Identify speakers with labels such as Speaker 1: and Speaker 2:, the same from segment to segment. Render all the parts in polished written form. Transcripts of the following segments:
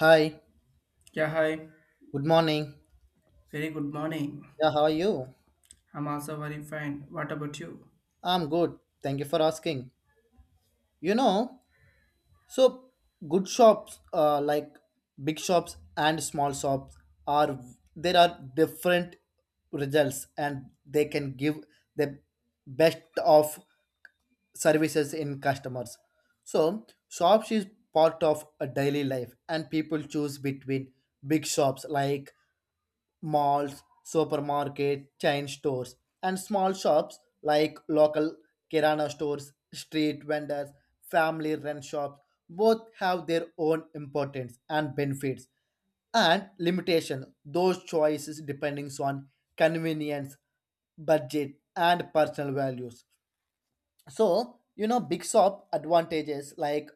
Speaker 1: Hi,
Speaker 2: Yeah, hi.
Speaker 1: good morning.
Speaker 2: Very good morning.
Speaker 1: Yeah, how are you?
Speaker 2: I'm also very fine. What about you?
Speaker 1: I'm good. Thank you for asking. You know, so good shops, like big shops and small shops, are there are different results, and they can give the best of services in customers. So shops is part of a daily life, and people choose between big shops like malls, supermarket, chain stores, and small shops like local kirana stores, street vendors, family run shops. Both have their own importance and benefits and limitation, those choices depending on convenience, budget and personal values. So big shop advantages like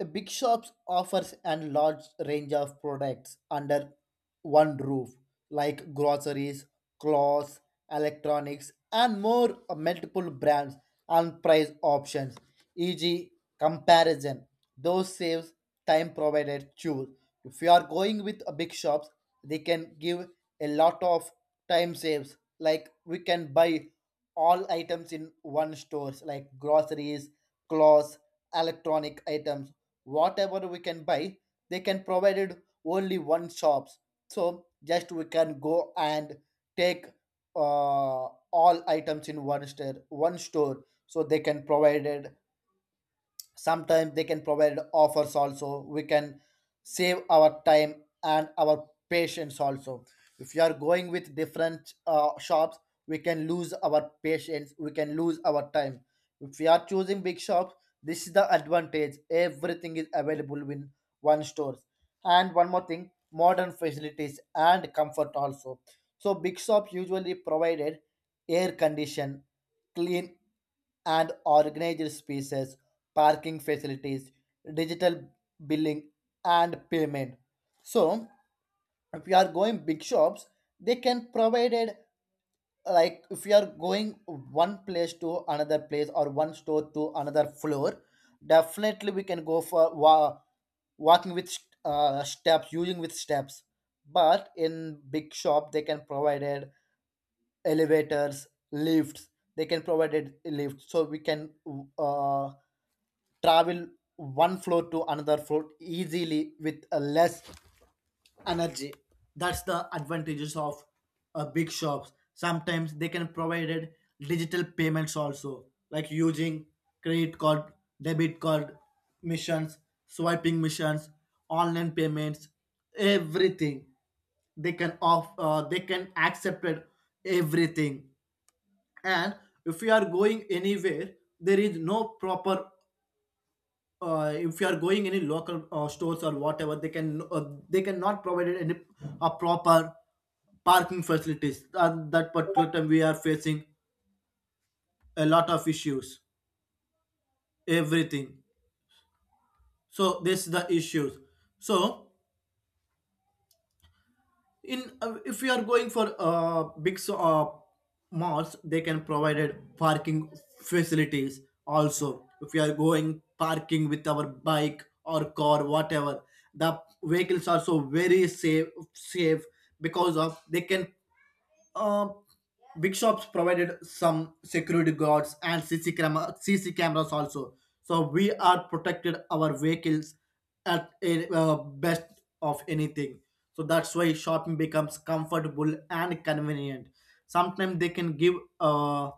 Speaker 1: a big shops offers a large range of products under one roof, like groceries, clothes, electronics, and more multiple brands and price options. E.g., comparison. Those saves time provided choose. If you are going with a big shops, they can give a lot of time saves. Like we can buy all items in one stores, like groceries, clothes, electronic items, whatever we can buy they can provided only one shops. So just we can go and take uh, all items in one store, so they can provided sometimes they can provide offers also. We can save our time and our patience also. If you are going with different shops, we can lose our patience, we can lose our time. If we are choosing big shops, this is the advantage, everything is available in one store. And one more thing, modern facilities and comfort also. So big shops usually provided air condition, clean and organized spaces, parking facilities, digital billing, and payment. So, if you are going big shops, they can provide it, like if you are going one place to another place or one store to another floor, definitely we can go for walking with steps, using with steps. But in big shop, they can provide it elevators, lifts. They can provide it lifts, so we can uh, travel one floor to another floor easily with less energy. That's the advantages of big shops. Sometimes they can provide digital payments also, like using credit card, debit card missions, swiping missions, online payments, everything they can accept it, everything. And if you are going anywhere there is no proper, if you are going any local stores or whatever, they can they cannot provide any a proper parking facilities. At that particular time we are facing a lot of issues, everything. So this is the issues. So in if you are going for malls, they can provide parking facilities also. If you are going parking with our bike or car, whatever the vehicles are, so very safe because of they can um, big shops provided some security guards and C C cameras also. So we are protected our vehicles at a, best of anything. So that's why shopping becomes comfortable and convenient. Sometimes they can give uh,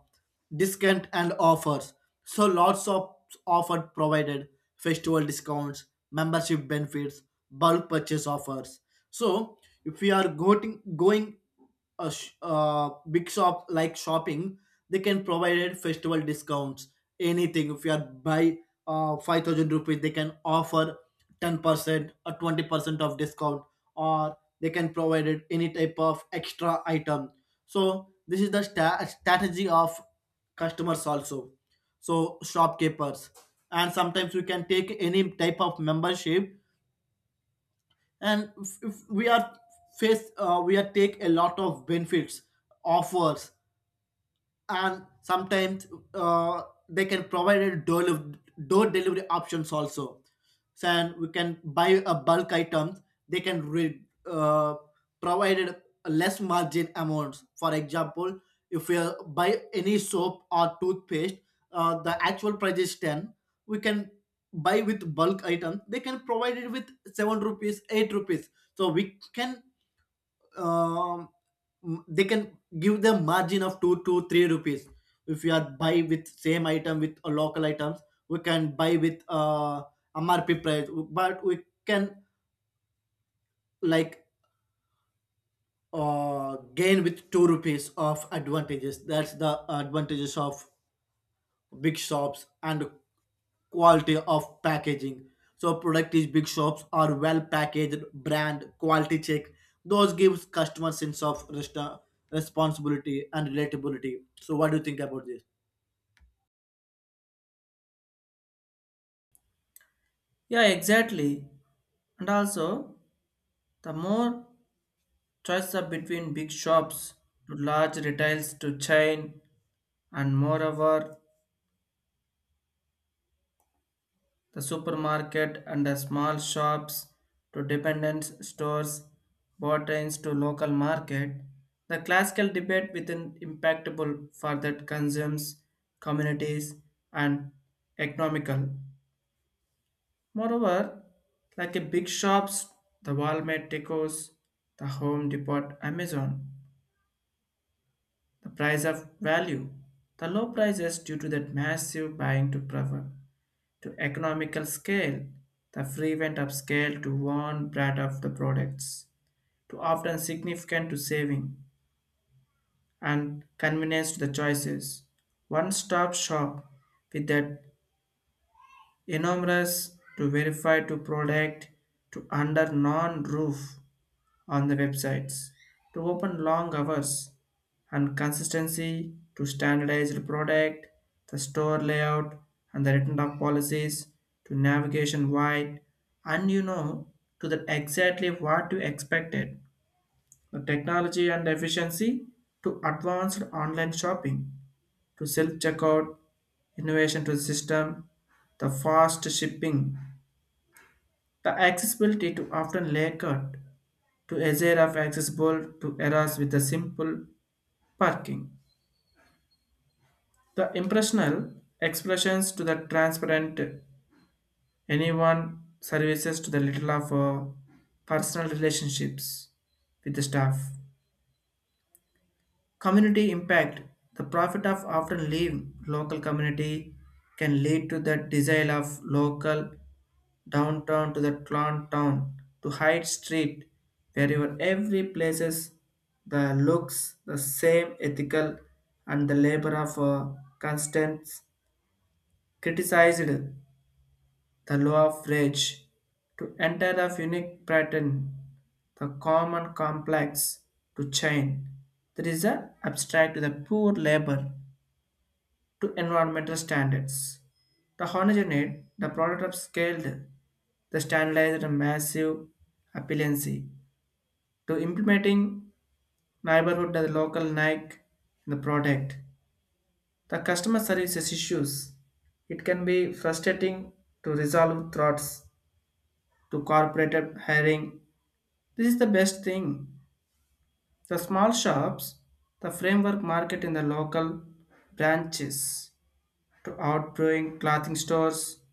Speaker 1: discount and offers. So lots of offer provided festival discounts, membership benefits, bulk purchase offers. So if we are going big shop like shopping, they can provide festival discounts. Anything if you are buy 5,000 rupees, they can offer 10% or 20% of discount, or they can provide it any type of extra item. So this is the strategy of customers also, so shopkeepers. And sometimes you can take any type of membership, and if we are face we are take a lot of benefits, offers. And sometimes uh, they can provide a door delivery options also. So and we can buy a bulk items, they can uh, provide less margin amounts. For example, if we buy any soap or toothpaste, the actual price is 10, we can buy with bulk item they can provide it with 7 rupees 8 rupees. So we can um, they can give them margin of 2 to 3 rupees. If you are buy with same item with local items, we can buy with mrp price, but we can like gain with 2 rupees of advantages. That's the advantages of big shops and quality of packaging. So product is big shops are well packaged, brand quality check. Those gives customer sense of responsibility and relatability. So what do you think about this?
Speaker 2: Yeah, exactly. And also, the more choices are between big shops to large retails to chain, and moreover, the supermarket and the small shops to dependence stores, botanes to local market, the classical debate within impactable for that consumes, communities, and economical. Moreover, like a big shops, the Walmart Deco's, the Home Depot, Amazon, the price of value, the low prices due to that massive buying to prefer to economical scale, the frequent upscale to one brand of the products, to often significant to saving and convenience to the choices. One stop shop with that enormous to verify to product to under non roof on the websites to open long hours and consistency to standardized product, the store layout and the written up policies to navigation wide and you know to the exactly what you expected. The technology and efficiency to advanced online shopping to self-checkout, innovation to the system, the fast shipping, the accessibility to often layered to a era of accessible to eras with a simple parking. The impressional expressions to the transparent anyone services to the little of personal relationships with the staff. Community impact. The profit of often leave local community can lead to the desire of local downtown to the plant town to Hyde Street, wherever every places the looks the same ethical and the labor of constance criticized the law of rage to enter of unique pattern, the common complex to chain. There is an abstract to the poor labor to environmental standards. The halogenate, the product of scaled, the standardized massive appealancy to implementing neighborhood the local Nike in the product. The customer services issues. It can be frustrating to resolve threats to corporate hiring. This is the best thing. The small shops, the framework market in the local branches to outgoing clothing stores,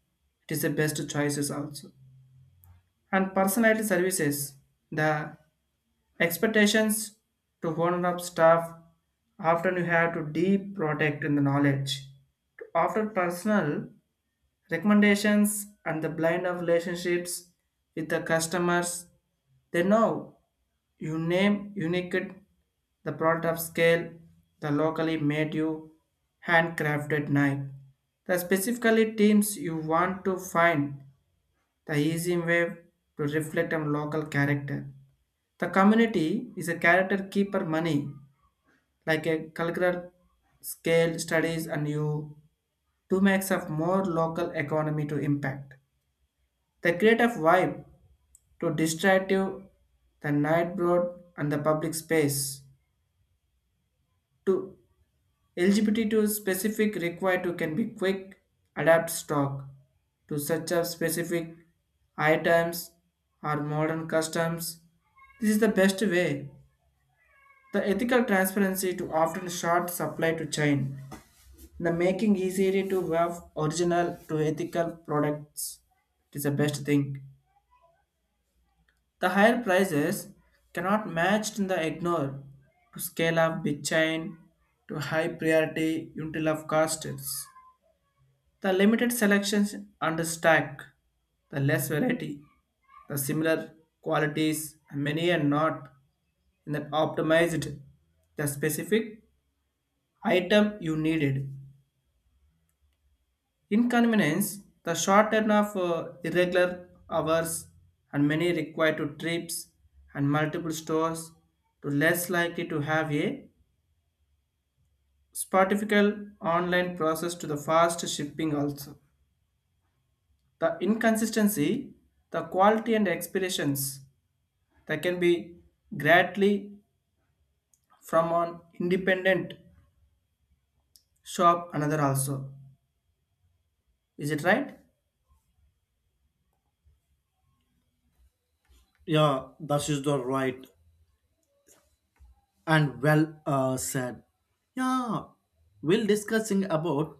Speaker 2: it is the best choices also. And personality services, the expectations to one up staff often you have to deep protect in the knowledge. To offer personal recommendations and the blind of relationships with the customers, they know you name unique the product of scale, the locally made you handcrafted knife. The specifically teams you want to find the easy way to reflect on local character. The community is a character keeper money, like a cultural scale studies and you to makes of more local economy to impact. The creative vibe to distractive the night broad and the public space to LGBT2 specific required to can be quick, adapt stock to such a specific items or modern customs. This is the best way. The ethical transparency to often short supply to chain. The making easier to have original to ethical products. It is the best thing. The higher prices cannot match in the ignore to scale up big chain to high priority until of costs. The limited selections and the stack, the less variety, the similar qualities, many are not in that optimized the specific item you needed. Inconvenience, the short turn of irregular hours and many required to trips and multiple stores to less likely to have a Spotifical online process to the fast shipping also. The inconsistency, the quality and expirations that can be greatly from an independent shop another also, is it right?
Speaker 1: Yeah, that is the right and well said. Yeah, we'll discussing about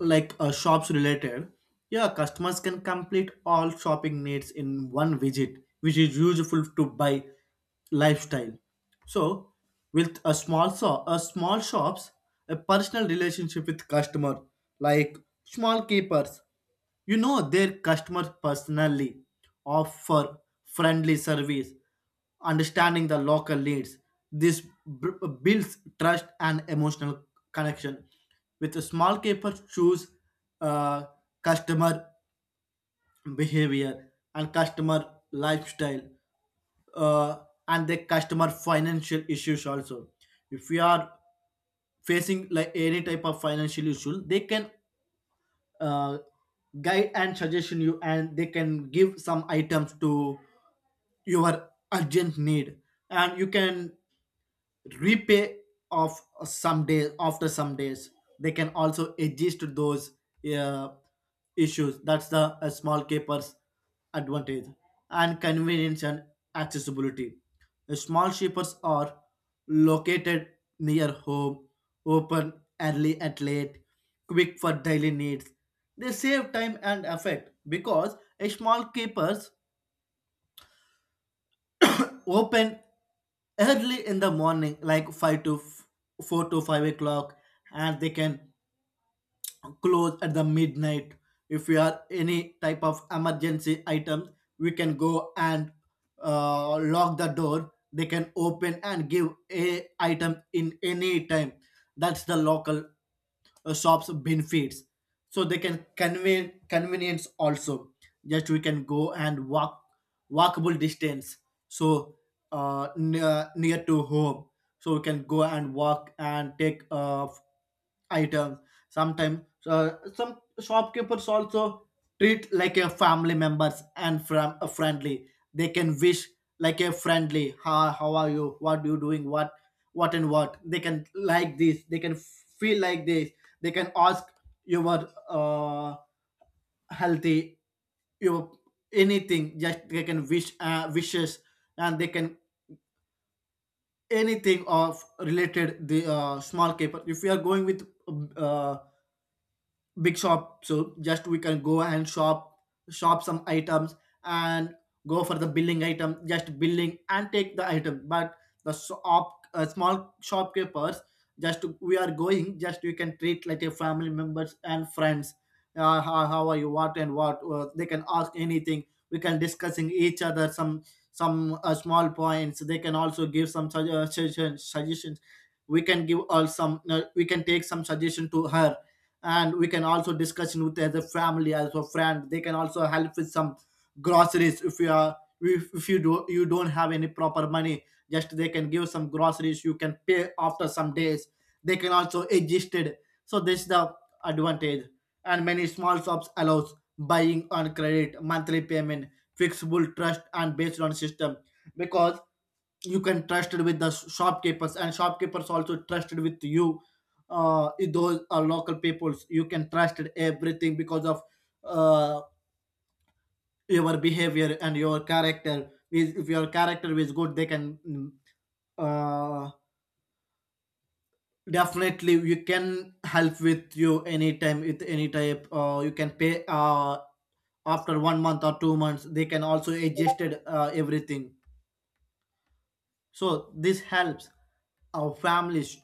Speaker 1: like shops related. Yeah, customers can complete all shopping needs in one visit, which is useful to buy lifestyle. So with a small shops, a personal relationship with customer, like small keepers, you know their customers personally, offer friendly service, understanding the local needs. This b- builds trust and emotional connection with the small capers. Choose uh, customer behavior and customer lifestyle, uh, and the customer financial issues also. If we are facing like any type of financial issue, they can uh, guide and suggestion you, and they can give some items to your urgent need, and you can repay of some days after some days. They can also adjust those uh, issues. That's the small capers advantage. And convenience and accessibility. The small shippers are located near home, open early and late, quick for daily needs. They save time and effort because a small keepers open early in the morning, like 4 to 5 o'clock, and they can close at the midnight. If we are any type of emergency items, we can go and lock the door, they can open and give a item in any time. That's the local shops benefits. So they can convey convenience also, just we can go and walk, walkable distance. So near to home, so we can go and walk and take items. Sometimes some shopkeepers also treat like a family members, and from a friendly they can wish, like a friendly, how are you, what you doing, what and what they can like this, they can feel like this. They can ask your uh, healthy, your anything, just they can wish wishes. And they can anything of related the small keeper. If you are going with uh, big shop, so just we can go and shop some items, and go for the billing item, just billing and take the item. But the shop small shopkeepers, just we are going, just you can treat like a family members and friends. How, how are you, what and what, they can ask anything. We can discussing each other some small points. They can also give some suggestions. We can give all some we can take some suggestion to her. And we can also discussion with as a family, as a friend. They can also help with some groceries. If you are, if you do you don't have any proper money, just they can give some groceries, you can pay after some days. They can also adjust it. So this is the advantage. And many small shops allows buying on credit, monthly payment, flexible trust and based on system. Because you can trusted with the shopkeepers and shopkeepers also trusted with you. Uh, those are local peoples, you can trusted everything, because of uh your behavior and your character is, if your character is good, they can uh definitely you can help with you anytime with any type. Uh, you can pay after 1 month or 2 months, they can also adjusted everything. So this helps our families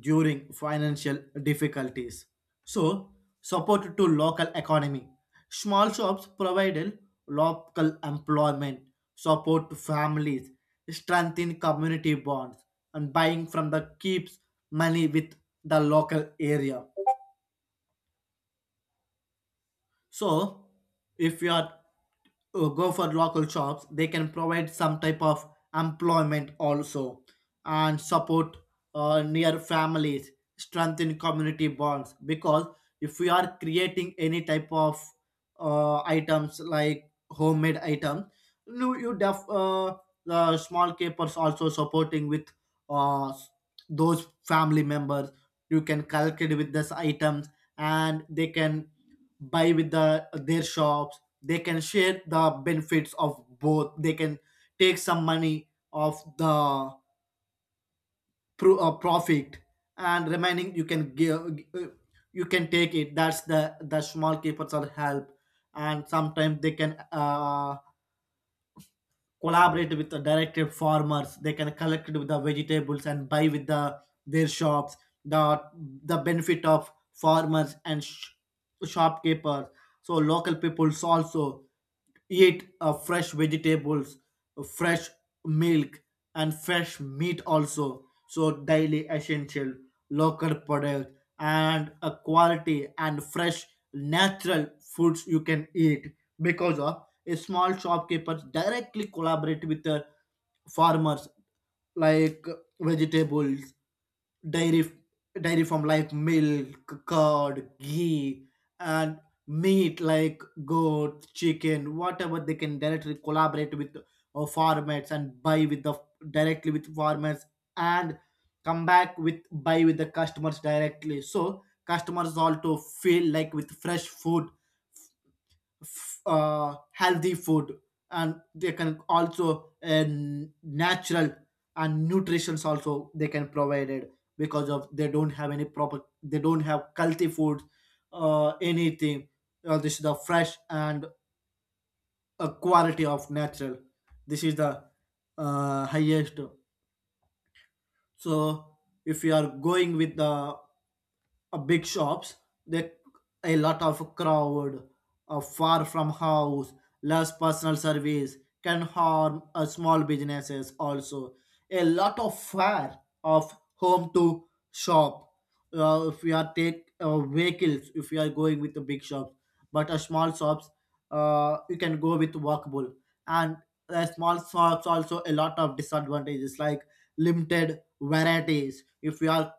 Speaker 1: during financial difficulties. So support to local economy. Small shops provided local employment, support to families, strengthen community bonds, and buying from the keeps money with the local area. So, if you are go for local shops, they can provide some type of employment also, and support near families, strengthen community bonds. Because if we are creating any type of items like homemade items, you, you def, uh, the small capers also supporting with uh, those family members. You can calculate with these items, and they can buy with the their shops, they can share the benefits of both. They can take some money of the profit, and remaining you can give, you can take it. That's the small keepers are help. And sometimes they can collaborate with the directed farmers. They can collect with the vegetables and buy with the their shops, the the benefit of farmers and shopkeepers. So local peoples also eat fresh vegetables, fresh milk, and fresh meat also. So daily essential local product, and a quality and fresh natural foods you can eat, because of a small shopkeeper directly collaborate with the farmers, like vegetables, dairy dairy from like milk, curd, ghee, and meat like goat, chicken, whatever. They can directly collaborate with farmers, and buy with the directly with farmers, and come back with buy with the customers directly, so customers also feel like with fresh food, healthy food. And they can also natural and nutritions also they can provide it, because of they don't have any proper, they don't have culty food, anything. This is the fresh and a quality of natural. This is the highest. So if you are going with the big shops, they a lot of crowd, far from house, less personal service, can harm small businesses also. A lot of fare of home to shop, if we are take vehicles if we are going with the big shops. But a small shops, you can go with walkable. And small shops also a lot of disadvantages, like limited varieties. If we are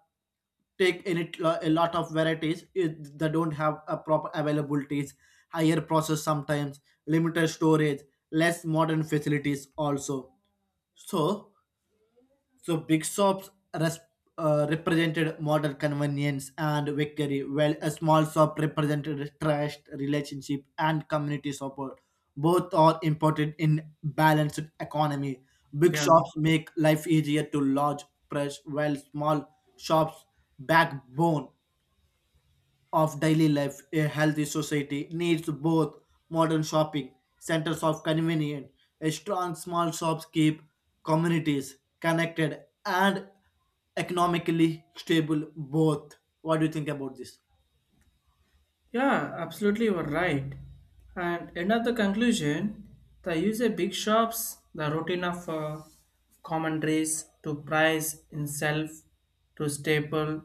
Speaker 1: take in it a lot of varieties it, they don't have a proper availabilities, higher process sometimes, limited storage, less modern facilities also. So so big shops res- represented modern convenience and victory, while a small shop represented trust relationship and community support. Both are important in balanced economy. Big
Speaker 2: Yeah,
Speaker 1: shops make life easier to large press, while small shops backbone of daily life. A healthy society needs both modern shopping centers of convenience, a strong small shops keep communities connected and economically stable, both. What do you think about this?
Speaker 2: yeah, absolutely, you are right. And end of the conclusion, the user big shops, the routine of commentaries to price in self, to staple,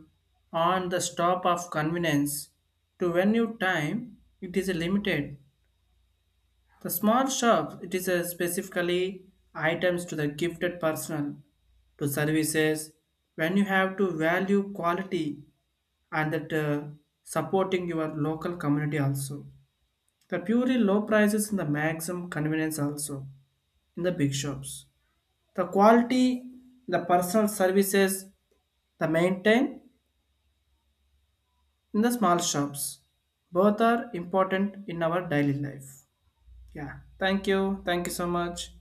Speaker 2: on the stop of convenience, to venue time, it is limited. The small shop, it is a specifically items to the gifted personal, to services, when you have to value quality and that supporting your local community also. The purely low prices and the maximum convenience also in the big shops. The quality, the personal services, the maintain in the small shops. Both are important in our daily life. Yeah. Thank you. Thank you so much.